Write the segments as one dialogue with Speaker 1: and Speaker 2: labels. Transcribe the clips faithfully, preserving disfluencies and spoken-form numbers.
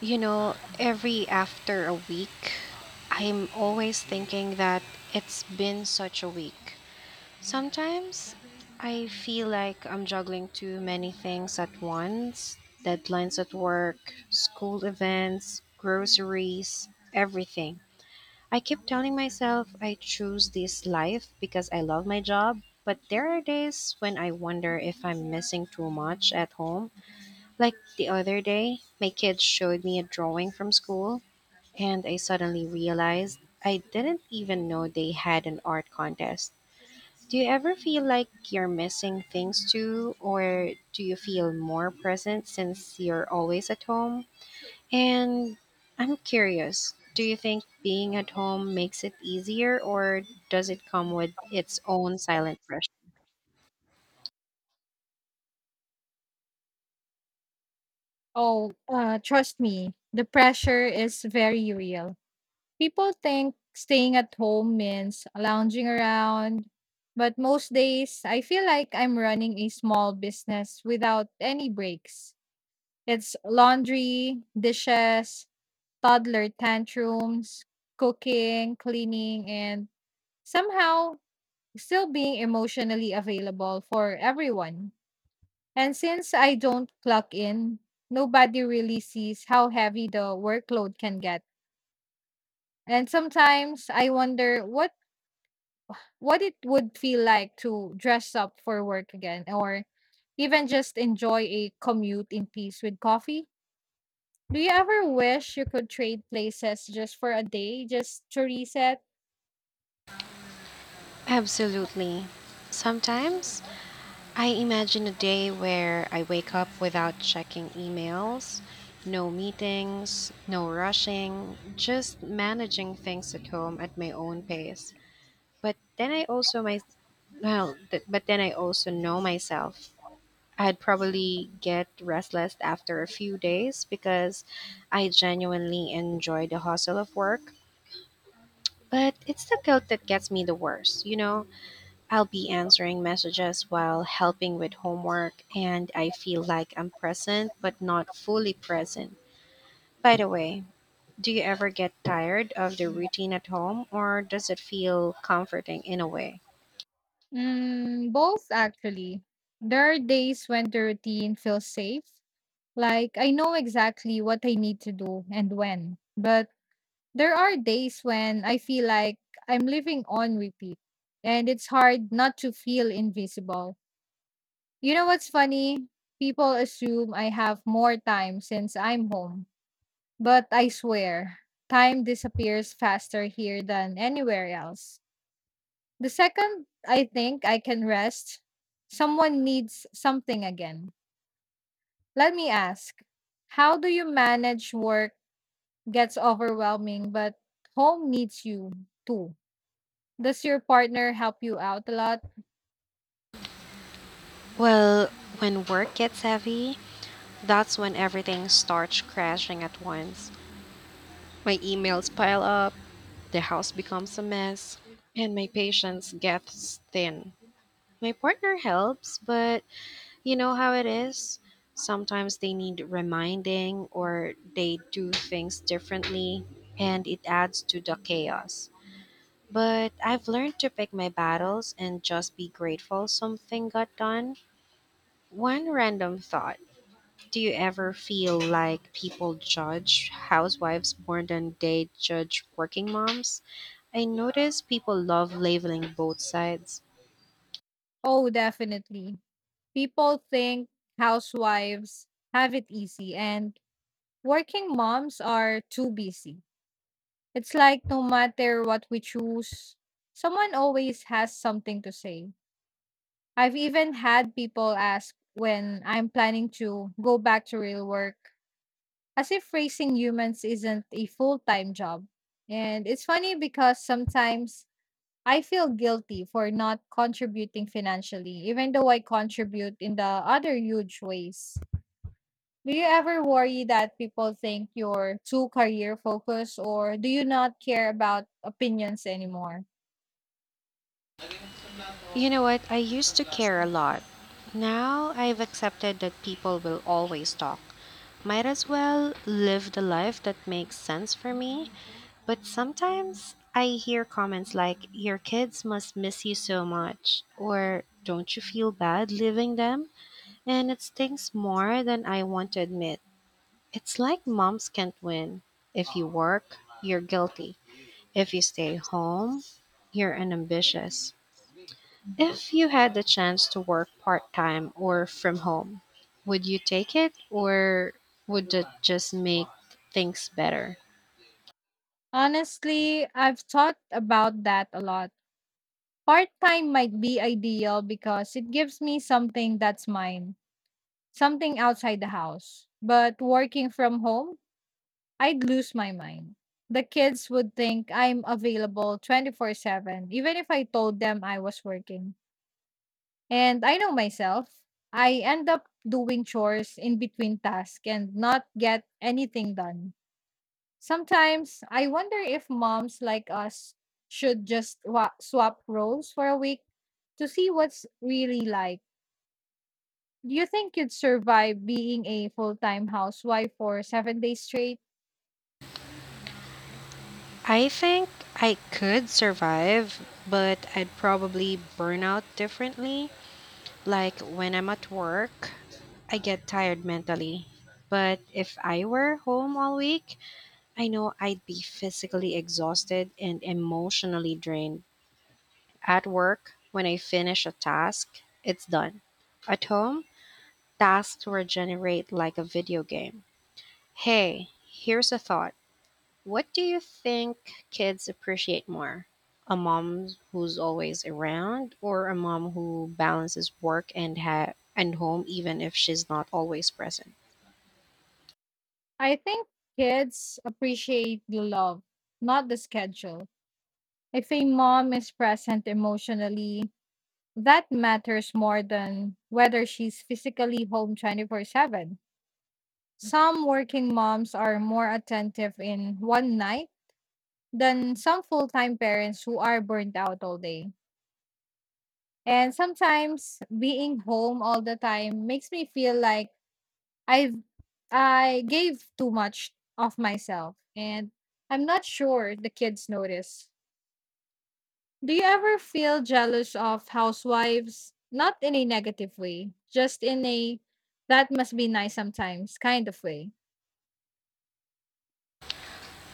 Speaker 1: You know, every after a week, I'm always thinking that it's been such a week. Sometimes I feel like I'm juggling too many things at once, deadlines at work, school events, groceries, everything. I keep telling myself I choose this life because I love my job, but there are days when I wonder if I'm missing too much at home, like the other day, my kids showed me a drawing from school, and I suddenly realized I didn't even know they had an art contest. Do you ever feel like you're missing things too, or do you feel more present since you're always at home? And I'm curious, do you think being at home makes it easier, or does it come with its own silent pressure?
Speaker 2: Oh, uh, trust me, the pressure is very real. People think staying at home means lounging around, but most days I feel like I'm running a small business without any breaks. It's laundry, dishes, toddler tantrums, cooking, cleaning, and somehow still being emotionally available for everyone. And since I don't clock in, nobody really sees how heavy the workload can get. And sometimes I wonder what what it would feel like to dress up for work again or even just enjoy a commute in peace with coffee. Do you ever wish you could trade places just for a day just to reset?
Speaker 1: Absolutely. Sometimes I imagine a day where I wake up without checking emails, no meetings, no rushing, just managing things at home at my own pace. But then I also my well, th- but then I also know myself. I'd probably get restless after a few days because I genuinely enjoy the hustle of work, but it's the guilt that gets me the worst, you know? I'll be answering messages while helping with homework, and I feel like I'm present but not fully present. By the way, do you ever get tired of the routine at home, or does it feel comforting in a way?
Speaker 2: Mm, both actually. There are days when the routine feels safe, like I know exactly what I need to do and when. But there are days when I feel like I'm living on repeat, and it's hard not to feel invisible. You know what's funny? People assume I have more time since I'm home, but I swear, time disappears faster here than anywhere else. The second I think I can rest, someone needs something again. Let me ask, how do you manage work gets overwhelming, but home needs you too? Does your partner help you out a lot?
Speaker 1: Well, when work gets heavy, that's when everything starts crashing at once. My emails pile up, the house becomes a mess, and my patience gets thin. My partner helps, but you know how it is? Sometimes they need reminding or they do things differently, and it adds to the chaos. But I've learned to pick my battles and just be grateful something got done. One random thought: do you ever feel like people judge housewives more than they judge working moms? I notice people love labeling both sides.
Speaker 2: Oh, definitely. People think housewives have it easy and working moms are too busy. It's like no matter what we choose, someone always has something to say. I've even had people ask when I'm planning to go back to real work, as if raising humans isn't a full time job. And it's funny because sometimes I feel guilty for not contributing financially, even though I contribute in the other huge ways. Do you ever worry that people think you're too career focused or do you not care about opinions anymore?
Speaker 1: You know what? I used to care a lot. Now I've accepted that people will always talk. Might as well live the life that makes sense for me. But sometimes I hear comments like, "Your kids must miss you so much," or "Don't you feel bad leaving them?" And it stings more than I want to admit. It's like moms can't win. If you work, you're guilty. If you stay home, you're unambitious. If you had the chance to work part time or from home, would you take it or would it just make things better?
Speaker 2: Honestly, I've thought about that a lot. Part time might be ideal because it gives me something that's mine, something outside the house. But working from home, I'd lose my mind. The kids would think I'm available twenty-four seven, even if I told them I was working. And I know myself. I end up doing chores in between tasks and not get anything done. Sometimes I wonder if moms like us should just wa- swap roles for a week to see what's really like. Do you think you'd survive being a full time housewife for seven days straight?
Speaker 1: I think I could survive, but I'd probably burn out differently. Like when I'm at work, I get tired mentally. But if I were home all week, I know I'd be physically exhausted and emotionally drained. At work, when I finish a task, it's done. At home, tasks were generated like a video game. Hey, here's a thought. What do you think kids appreciate more? A mom who's always around, or a mom who balances work and ha- and home even if she's not always present?
Speaker 2: I think kids appreciate the love, not the schedule. If a mom is present emotionally, that matters more than whether she's physically home twenty-four seven. Some working moms are more attentive in one night than some full time parents who are burnt out all day. And sometimes being home all the time makes me feel like I've I gave too much of myself, and I'm not sure the kids notice. Do you ever feel jealous of housewives? Not in a negative way, just in a that must be nice sometimes kind of way.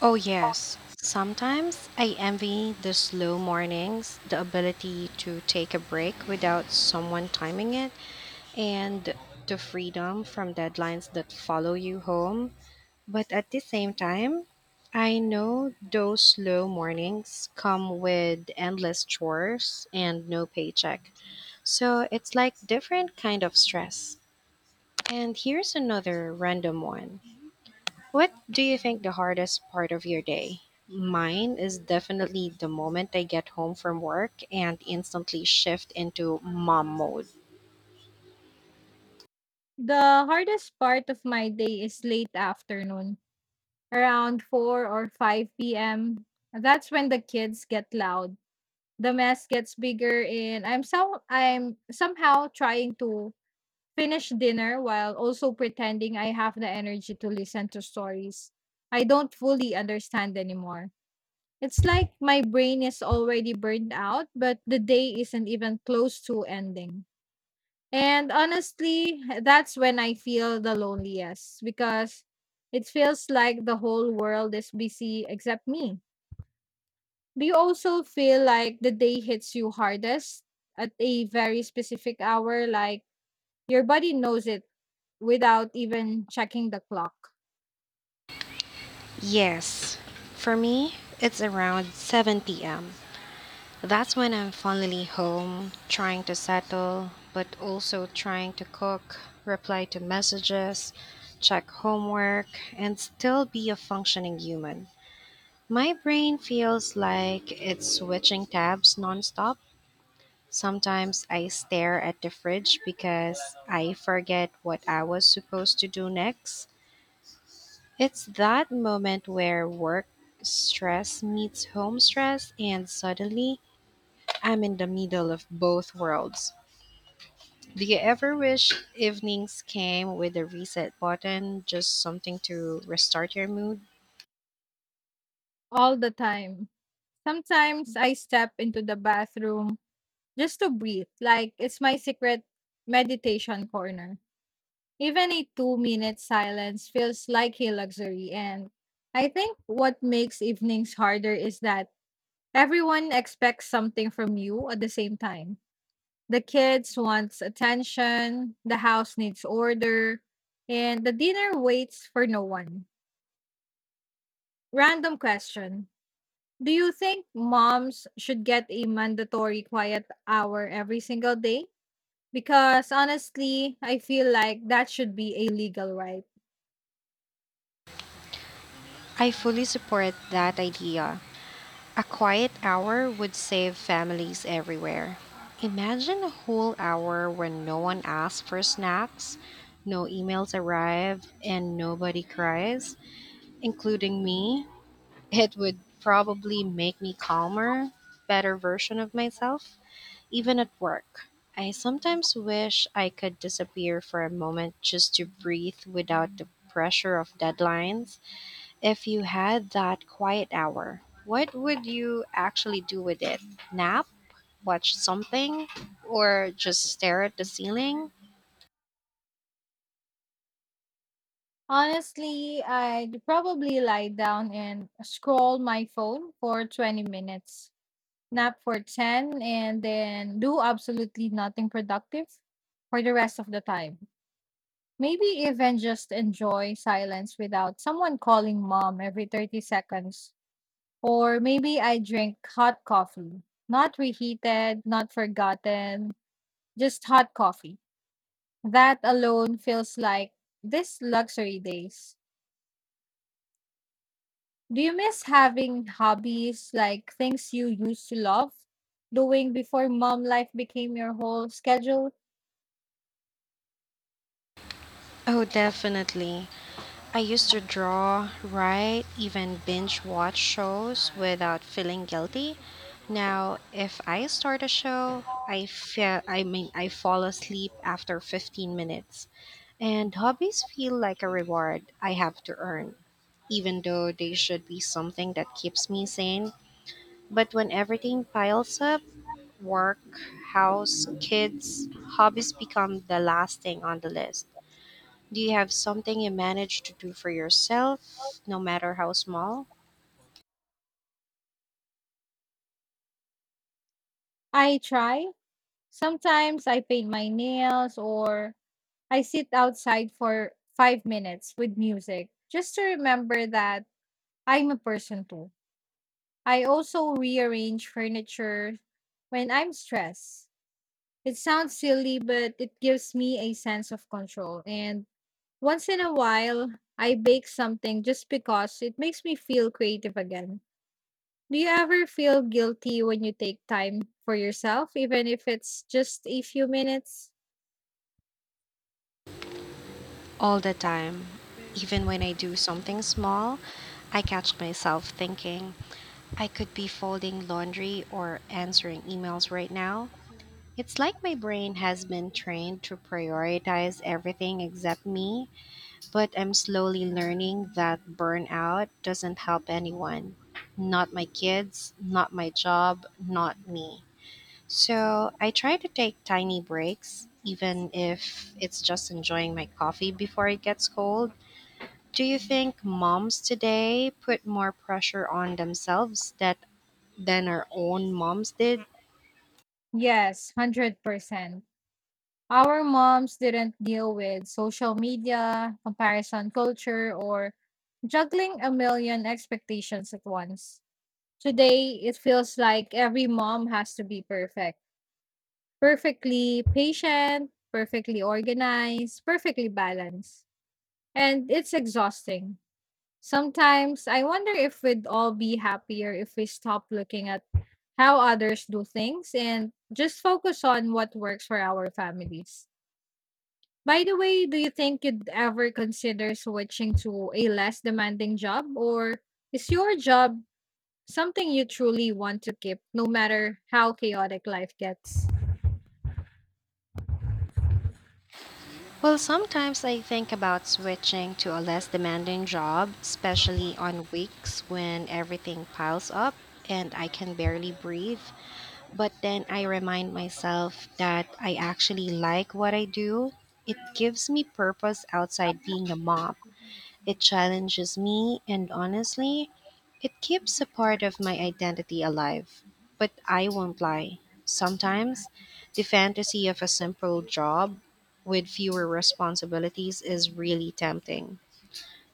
Speaker 1: Oh yes. Sometimes I envy the slow mornings, the ability to take a break without someone timing it, and the freedom from deadlines that follow you home. But at the same time, I know those slow mornings come with endless chores and no paycheck. So it's like different kind of stress. And here's another random one. What do you think the hardest part of your day? Mine is definitely the moment I get home from work and instantly shift into mom mode.
Speaker 2: The hardest part of my day is late afternoon, around four or five p m. That's when the kids get loud. The mess gets bigger and I'm so I'm somehow trying to finish dinner while also pretending I have the energy to listen to stories I don't fully understand anymore. It's like my brain is already burned out, but the day isn't even close to ending. And honestly, that's when I feel the loneliest because it feels like the whole world is busy except me. Do you also feel like the day hits you hardest at a very specific hour? Like your body knows it without even checking the clock?
Speaker 1: Yes, for me, it's around seven p m. That's when I'm finally home, trying to settle, but also trying to cook, reply to messages, check homework, and still be a functioning human. My brain feels like it's switching tabs nonstop. Sometimes I stare at the fridge because I forget what I was supposed to do next. It's that moment where work stress meets home stress, and suddenly I'm in the middle of both worlds. Do you ever wish evenings came with a reset button, just something to restart your mood?
Speaker 2: All the time. Sometimes I step into the bathroom just to breathe, like it's my secret meditation corner. Even a two minute silence feels like a luxury. And I think what makes evenings harder is that everyone expects something from you at the same time. The kids wants attention, the house needs order, and the dinner waits for no one. Random question. Do you think moms should get a mandatory quiet hour every single day? Because honestly, I feel like that should be a legal right.
Speaker 1: I fully support that idea. A quiet hour would save families everywhere. Imagine a whole hour where no one asks for snacks, no emails arrive, and nobody cries, including me. It would probably make me calmer, better version of myself. Even at work, I sometimes wish I could disappear for a moment just to breathe without the pressure of deadlines. If you had that quiet hour, what would you actually do with it? Nap? Watch something? Or just stare at the ceiling?
Speaker 2: Honestly, I'd probably lie down and scroll my phone for twenty minutes, nap for ten, and then do absolutely nothing productive for the rest of the time. Maybe even just enjoy silence without someone calling mom every thirty seconds. Or maybe I drink hot coffee, not reheated, not forgotten, just hot coffee. That alone feels like this luxury days. Do you miss having hobbies like things you used to love doing before mom life became your whole schedule?
Speaker 1: Oh, definitely. I used to draw, write, even binge watch shows without feeling guilty. Now, if I start a show, I feel I mean I fall asleep after fifteen minutes. And hobbies feel like a reward I have to earn, even though they should be something that keeps me sane. But when everything piles up, work, house, kids, hobbies become the last thing on the list. Do you have something you manage to do for yourself, no matter how small?
Speaker 2: I try. Sometimes I paint my nails or I sit outside for five minutes with music just to remember that I'm a person too. I also rearrange furniture when I'm stressed. It sounds silly, but it gives me a sense of control. And once in a while, I bake something just because it makes me feel creative again. Do you ever feel guilty when you take time for yourself, even if it's just a few minutes?
Speaker 1: All the time. Even when I do something small, I catch myself thinking, I could be folding laundry or answering emails right now. It's like my brain has been trained to prioritize everything except me, but I'm slowly learning that burnout doesn't help anyone. Not my kids, not my job, not me. So I try to take tiny breaks, even if it's just enjoying my coffee before it gets cold. Do you think moms today put more pressure on themselves that than our own moms did?
Speaker 2: Yes, one hundred percent. Our moms didn't deal with social media, comparison culture, or juggling a million expectations at once. Today, it feels like every mom has to be perfect, perfectly patient, perfectly organized, perfectly balanced. And it's exhausting. Sometimes I wonder if we'd all be happier if we stop looking at how others do things and just focus on what works for our families. By the way, do you think you'd ever consider switching to a less demanding job, or is your job something you truly want to keep no matter how chaotic life gets?
Speaker 1: Well, sometimes I think about switching to a less demanding job, especially on weeks when everything piles up and I can barely breathe. But then I remind myself that I actually like what I do. It gives me purpose outside being a mom. It challenges me, and honestly, it keeps a part of my identity alive. But I won't lie. Sometimes, the fantasy of a simple job with fewer responsibilities is really tempting.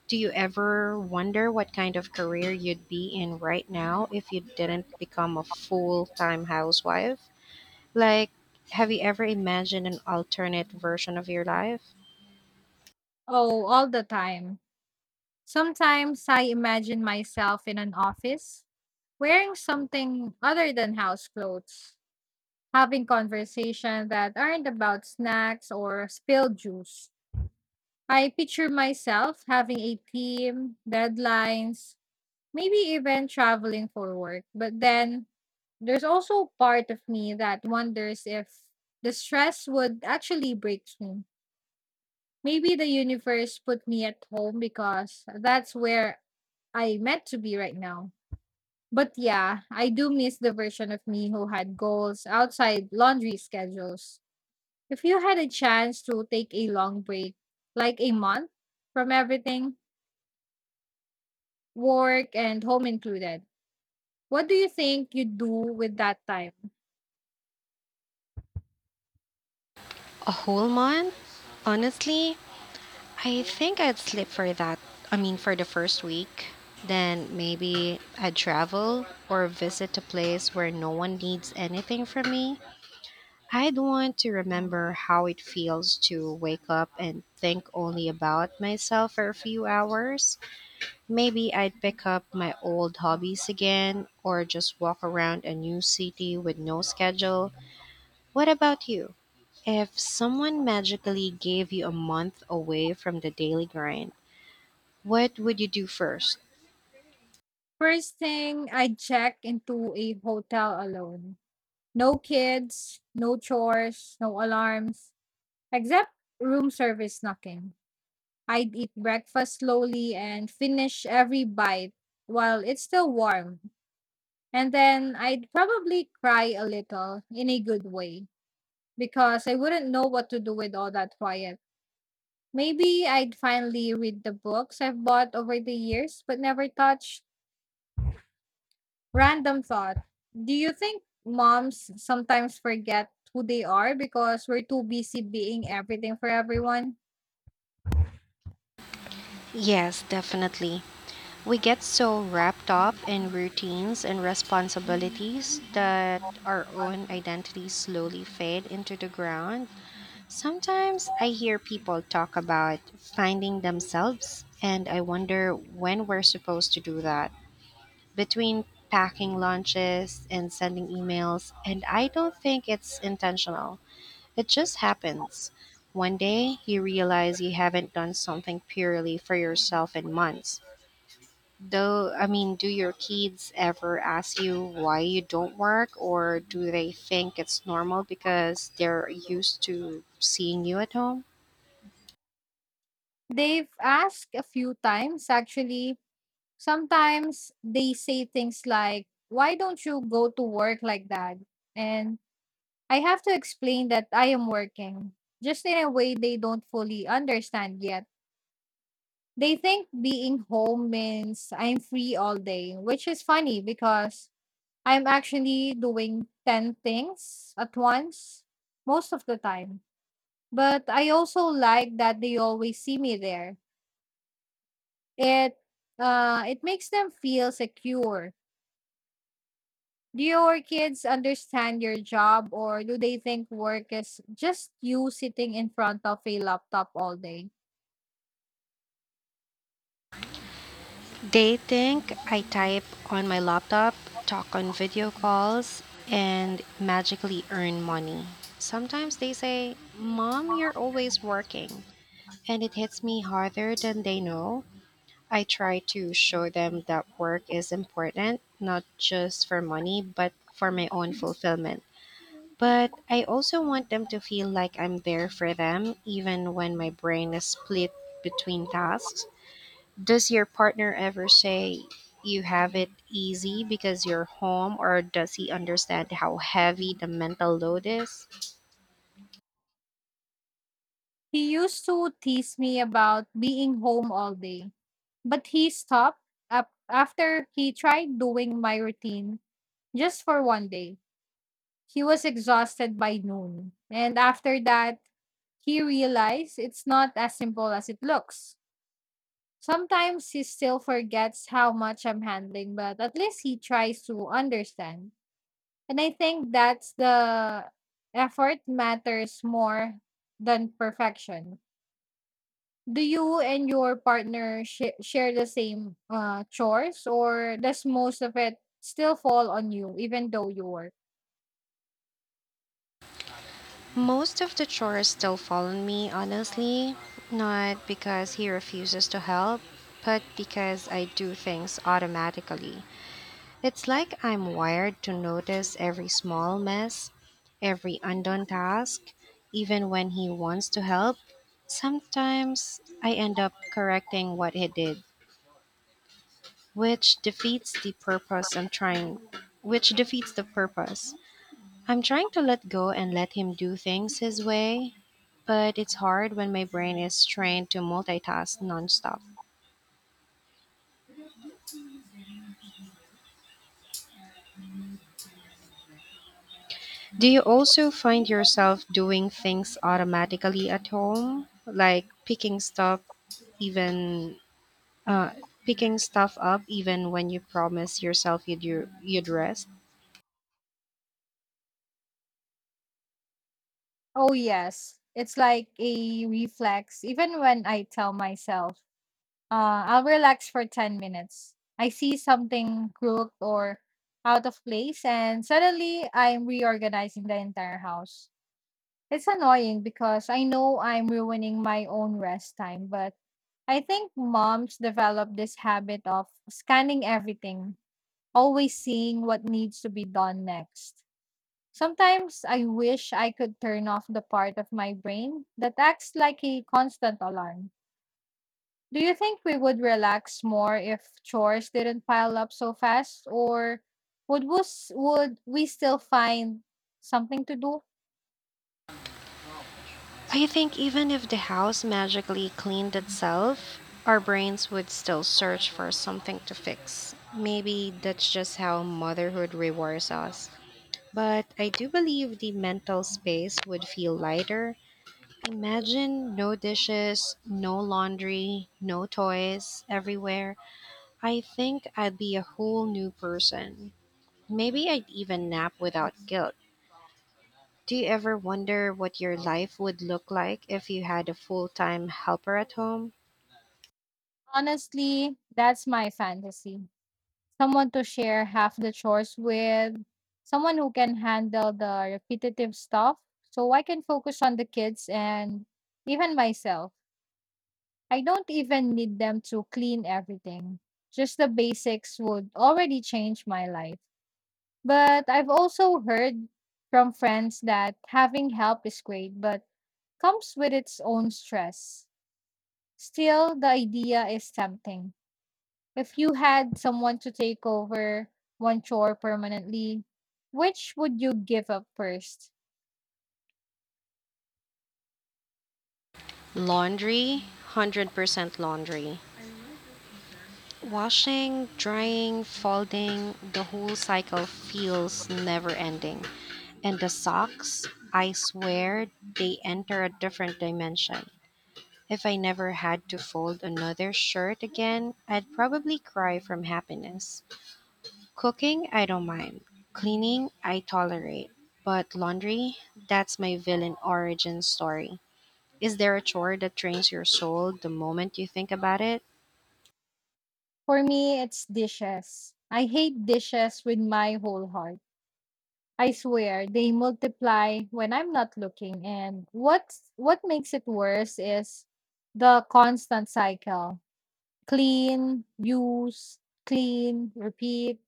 Speaker 1: Do you ever wonder what kind of career you'd be in right now if you didn't become a full time housewife? Like, have you ever imagined an alternate version of your life?
Speaker 2: Oh, all the time. Sometimes I imagine myself in an office wearing something other than house clothes, having conversations that aren't about snacks or spilled juice. I picture myself having a team, deadlines, maybe even traveling for work. But then there's also part of me that wonders if the stress would actually break me. Maybe the universe put me at home because that's where I meant to be right now. But yeah, I do miss the version of me who had goals outside laundry schedules. If you had a chance to take a long break, like a month from everything, work and home included, what do you think you'd do with that time?
Speaker 1: A whole month? Honestly, I think I'd sleep for that. I mean, for the first week. Then maybe I'd travel or visit a place where no one needs anything from me. I'd want to remember how it feels to wake up and think only about myself for a few hours. Maybe I'd pick up my old hobbies again or just walk around a new city with no schedule. What about you? If someone magically gave you a month away from the daily grind, what would you do first?
Speaker 2: First thing, I'd check into a hotel alone. No kids, no chores, no alarms, except room service knocking. I'd eat breakfast slowly and finish every bite while it's still warm. And then I'd probably cry a little in a good way because I wouldn't know what to do with all that quiet. Maybe I'd finally read the books I've bought over the years but never touched. Random thought. Do you think moms sometimes forget who they are because we're too busy being everything for everyone?
Speaker 1: Yes, definitely. We get so wrapped up in routines and responsibilities that our own identities slowly fade into the ground. Sometimes I hear people talk about finding themselves, and I wonder when we're supposed to do that, between packing lunches and sending emails, and I don't think it's intentional. It just happens. One day, you realize you haven't done something purely for yourself in months. Though, I mean, do your kids ever ask you why you don't work, or do they think it's normal because they're used to seeing you at home?
Speaker 2: They've asked a few times, actually. Sometimes they say things like, "Why don't you go to work like that?" And I have to explain that I am working, just in a way they don't fully understand yet. They think being home means I'm free all day, which is funny because I'm actually doing ten things at once most of the time. But I also like that they always see me there. It uh it makes them feel secure. Do your kids understand your job or do they think work is just you sitting in front of a laptop all day?
Speaker 1: They think I type on my laptop, talk on video calls, and magically earn money. Sometimes they say, "Mom, you're always working." And it hits me harder than they know. I try to show them that work is important, not just for money, but for my own fulfillment. But I also want them to feel like I'm there for them, even when my brain is split between tasks. Does your partner ever say you have it easy because you're home, or does he understand how heavy the mental load is?
Speaker 2: He used to tease me about being home all day, but he stopped up after he tried doing my routine just for one day. He was exhausted by noon, and after that, he realized it's not as simple as it looks. Sometimes he still forgets how much I'm handling, but at least he tries to understand. And I think that's the effort matters more than perfection. Do you and your partner sh- share the same uh, chores, or does most of it still fall on you, even though you work?
Speaker 1: Most of the chores still fall on me, honestly. Not because he refuses to help, but because I do things automatically. It's like I'm wired to notice every small mess, every undone task, even when he wants to help. Sometimes I end up correcting what he did, which defeats the purpose I'm trying which defeats the purpose. I'm trying to let go and let him do things his way, but it's hard when my brain is trained to multitask nonstop. Do you also find yourself doing things automatically at home, like picking stuff even uh, picking stuff up even when you promise yourself you'd you'd rest?
Speaker 2: Oh, yes. It's like a reflex. Even when I tell myself, uh, I'll relax for ten minutes, I see something crooked or out of place, and suddenly I'm reorganizing the entire house. It's annoying because I know I'm ruining my own rest time, but I think moms develop this habit of scanning everything, always seeing what needs to be done next. Sometimes I wish I could turn off the part of my brain that acts like a constant alarm. Do you think we would relax more if chores didn't pile up so fast, or would we, s- would we still find something to do?
Speaker 1: I think even if the house magically cleaned itself, our brains would still search for something to fix. Maybe that's just how motherhood rewires us. But I do believe the mental space would feel lighter. Imagine no dishes, no laundry, no toys everywhere. I think I'd be a whole new person. Maybe I'd even nap without guilt. Do you ever wonder what your life would look like if you had a full time helper at home?
Speaker 2: Honestly, that's my fantasy. Someone to share half the chores with, someone who can handle the repetitive stuff so I can focus on the kids and even myself. I don't even need them to clean everything. Just the basics would already change my life. But I've also heard from friends that having help is great, but comes with its own stress. Still, the idea is tempting. If you had someone to take over one chore permanently, which would you give up first?
Speaker 1: Laundry, one hundred percent laundry. Washing, drying, folding, the whole cycle feels never ending. And the socks, I swear, they enter a different dimension. If I never had to fold another shirt again, I'd probably cry from happiness. Cooking, I don't mind. Cleaning, I tolerate. But laundry, that's my villain origin story. Is there a chore that drains your soul the moment you think about it?
Speaker 2: For me, it's dishes. I hate dishes with my whole heart. I swear they multiply when I'm not looking. And what's what makes it worse is the constant cycle. Clean, use, clean, repeat.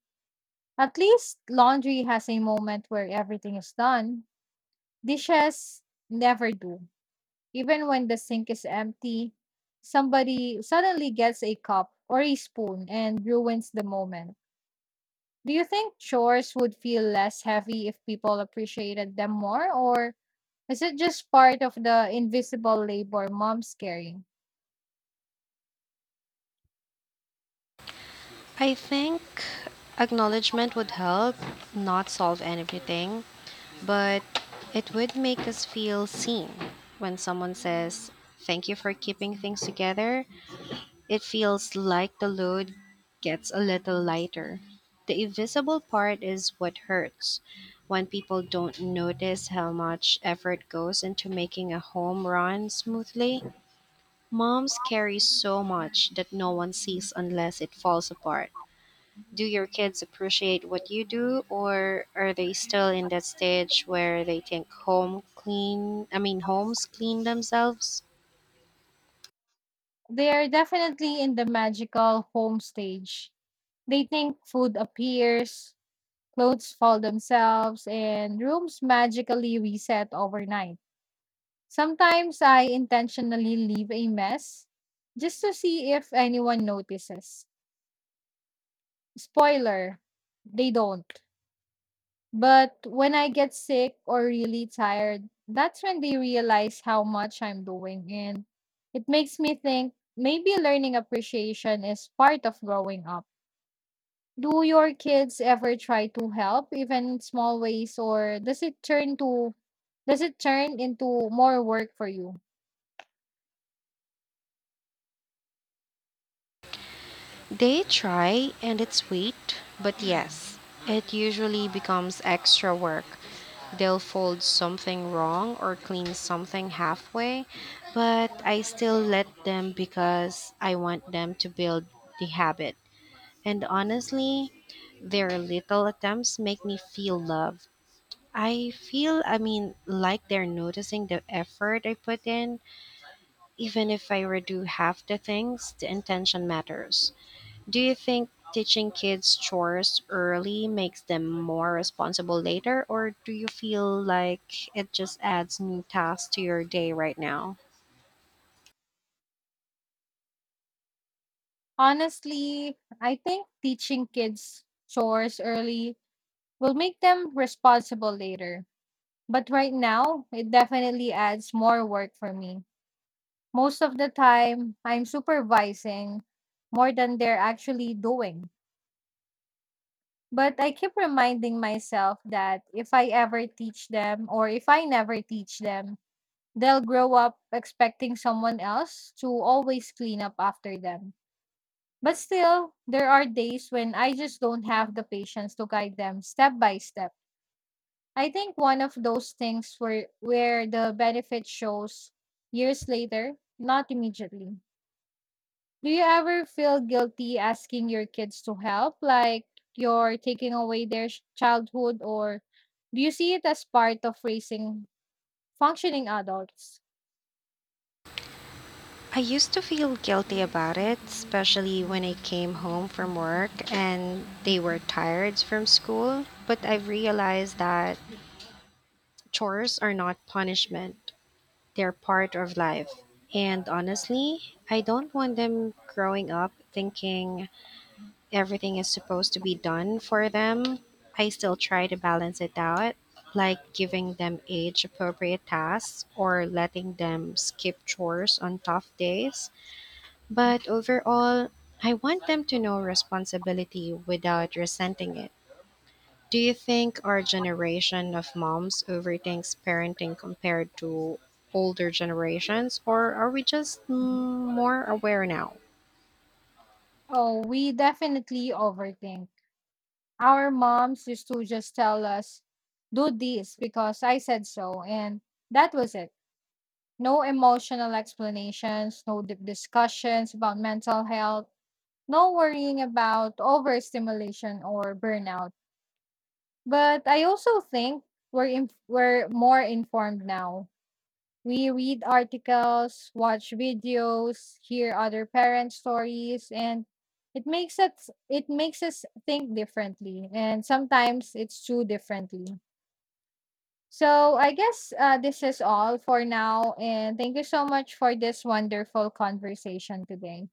Speaker 2: At least laundry has a moment where everything is done. Dishes never do. Even when the sink is empty, somebody suddenly gets a cup or a spoon and ruins the moment. Do you think chores would feel less heavy if people appreciated them more, or is it just part of the invisible labor mom's carrying?
Speaker 1: I think acknowledgement would help, not solve everything, but it would make us feel seen. When someone says, "Thank you for keeping things together," it feels like the load gets a little lighter. The invisible part is what hurts when people don't notice how much effort goes into making a home run smoothly. Moms carry so much that no one sees unless it falls apart. Do your kids appreciate what you do, or are they still in that stage where they think home clean? I mean, homes clean themselves?
Speaker 2: They are definitely in the magical home stage. They think food appears, clothes fall themselves, and rooms magically reset overnight. Sometimes I intentionally leave a mess just to see if anyone notices. Spoiler, they don't. But when I get sick or really tired, that's when they realize how much I'm doing. And it makes me think maybe learning appreciation is part of growing up. Do your kids ever try to help, even in small ways, or does it turn to does it turn into more work for you?
Speaker 1: They try and it's sweet, but yes, it usually becomes extra work. They'll fold something wrong or clean something halfway, but I still let them because I want them to build the habit. And honestly, their little attempts make me feel loved. I feel, I mean, like they're noticing the effort I put in. Even if I redo half the things, the intention matters. Do you think teaching kids chores early makes them more responsible later, or do you feel like it just adds new tasks to your day right now?
Speaker 2: Honestly, I think teaching kids chores early will make them responsible later. But right now, it definitely adds more work for me. Most of the time, I'm supervising more than they're actually doing. But I keep reminding myself that if I ever teach them or if I never teach them, they'll grow up expecting someone else to always clean up after them. But still, there are days when I just don't have the patience to guide them step by step. I think one of those things where where the benefit shows years later, not immediately. Do you ever feel guilty asking your kids to help, like you're taking away their sh- childhood, or do you see it as part of raising functioning adults?
Speaker 1: I used to feel guilty about it, especially when I came home from work and they were tired from school. But I've realized that chores are not punishment, they're part of life. And honestly, I don't want them growing up thinking everything is supposed to be done for them. I still try to balance it out, like giving them age appropriate tasks or letting them skip chores on tough days. But overall, I want them to know responsibility without resenting it. Do you think our generation of moms overthinks parenting compared to older generations, or are we just mm, more aware now?
Speaker 2: Oh, we definitely overthink. Our moms used to just tell us, do this because I said so, and that was it. No emotional explanations, no deep discussions about mental health, no worrying about overstimulation or burnout. But I also think we're inf- we're more informed now. We read articles, watch videos, hear other parents' stories, and it makes us it makes us think differently. And sometimes it's too differently. So I guess uh, this is all for now. And thank you so much for this wonderful conversation today.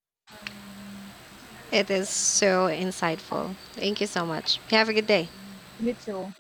Speaker 1: It is so insightful. Thank you so much. Have a good day.
Speaker 2: You too.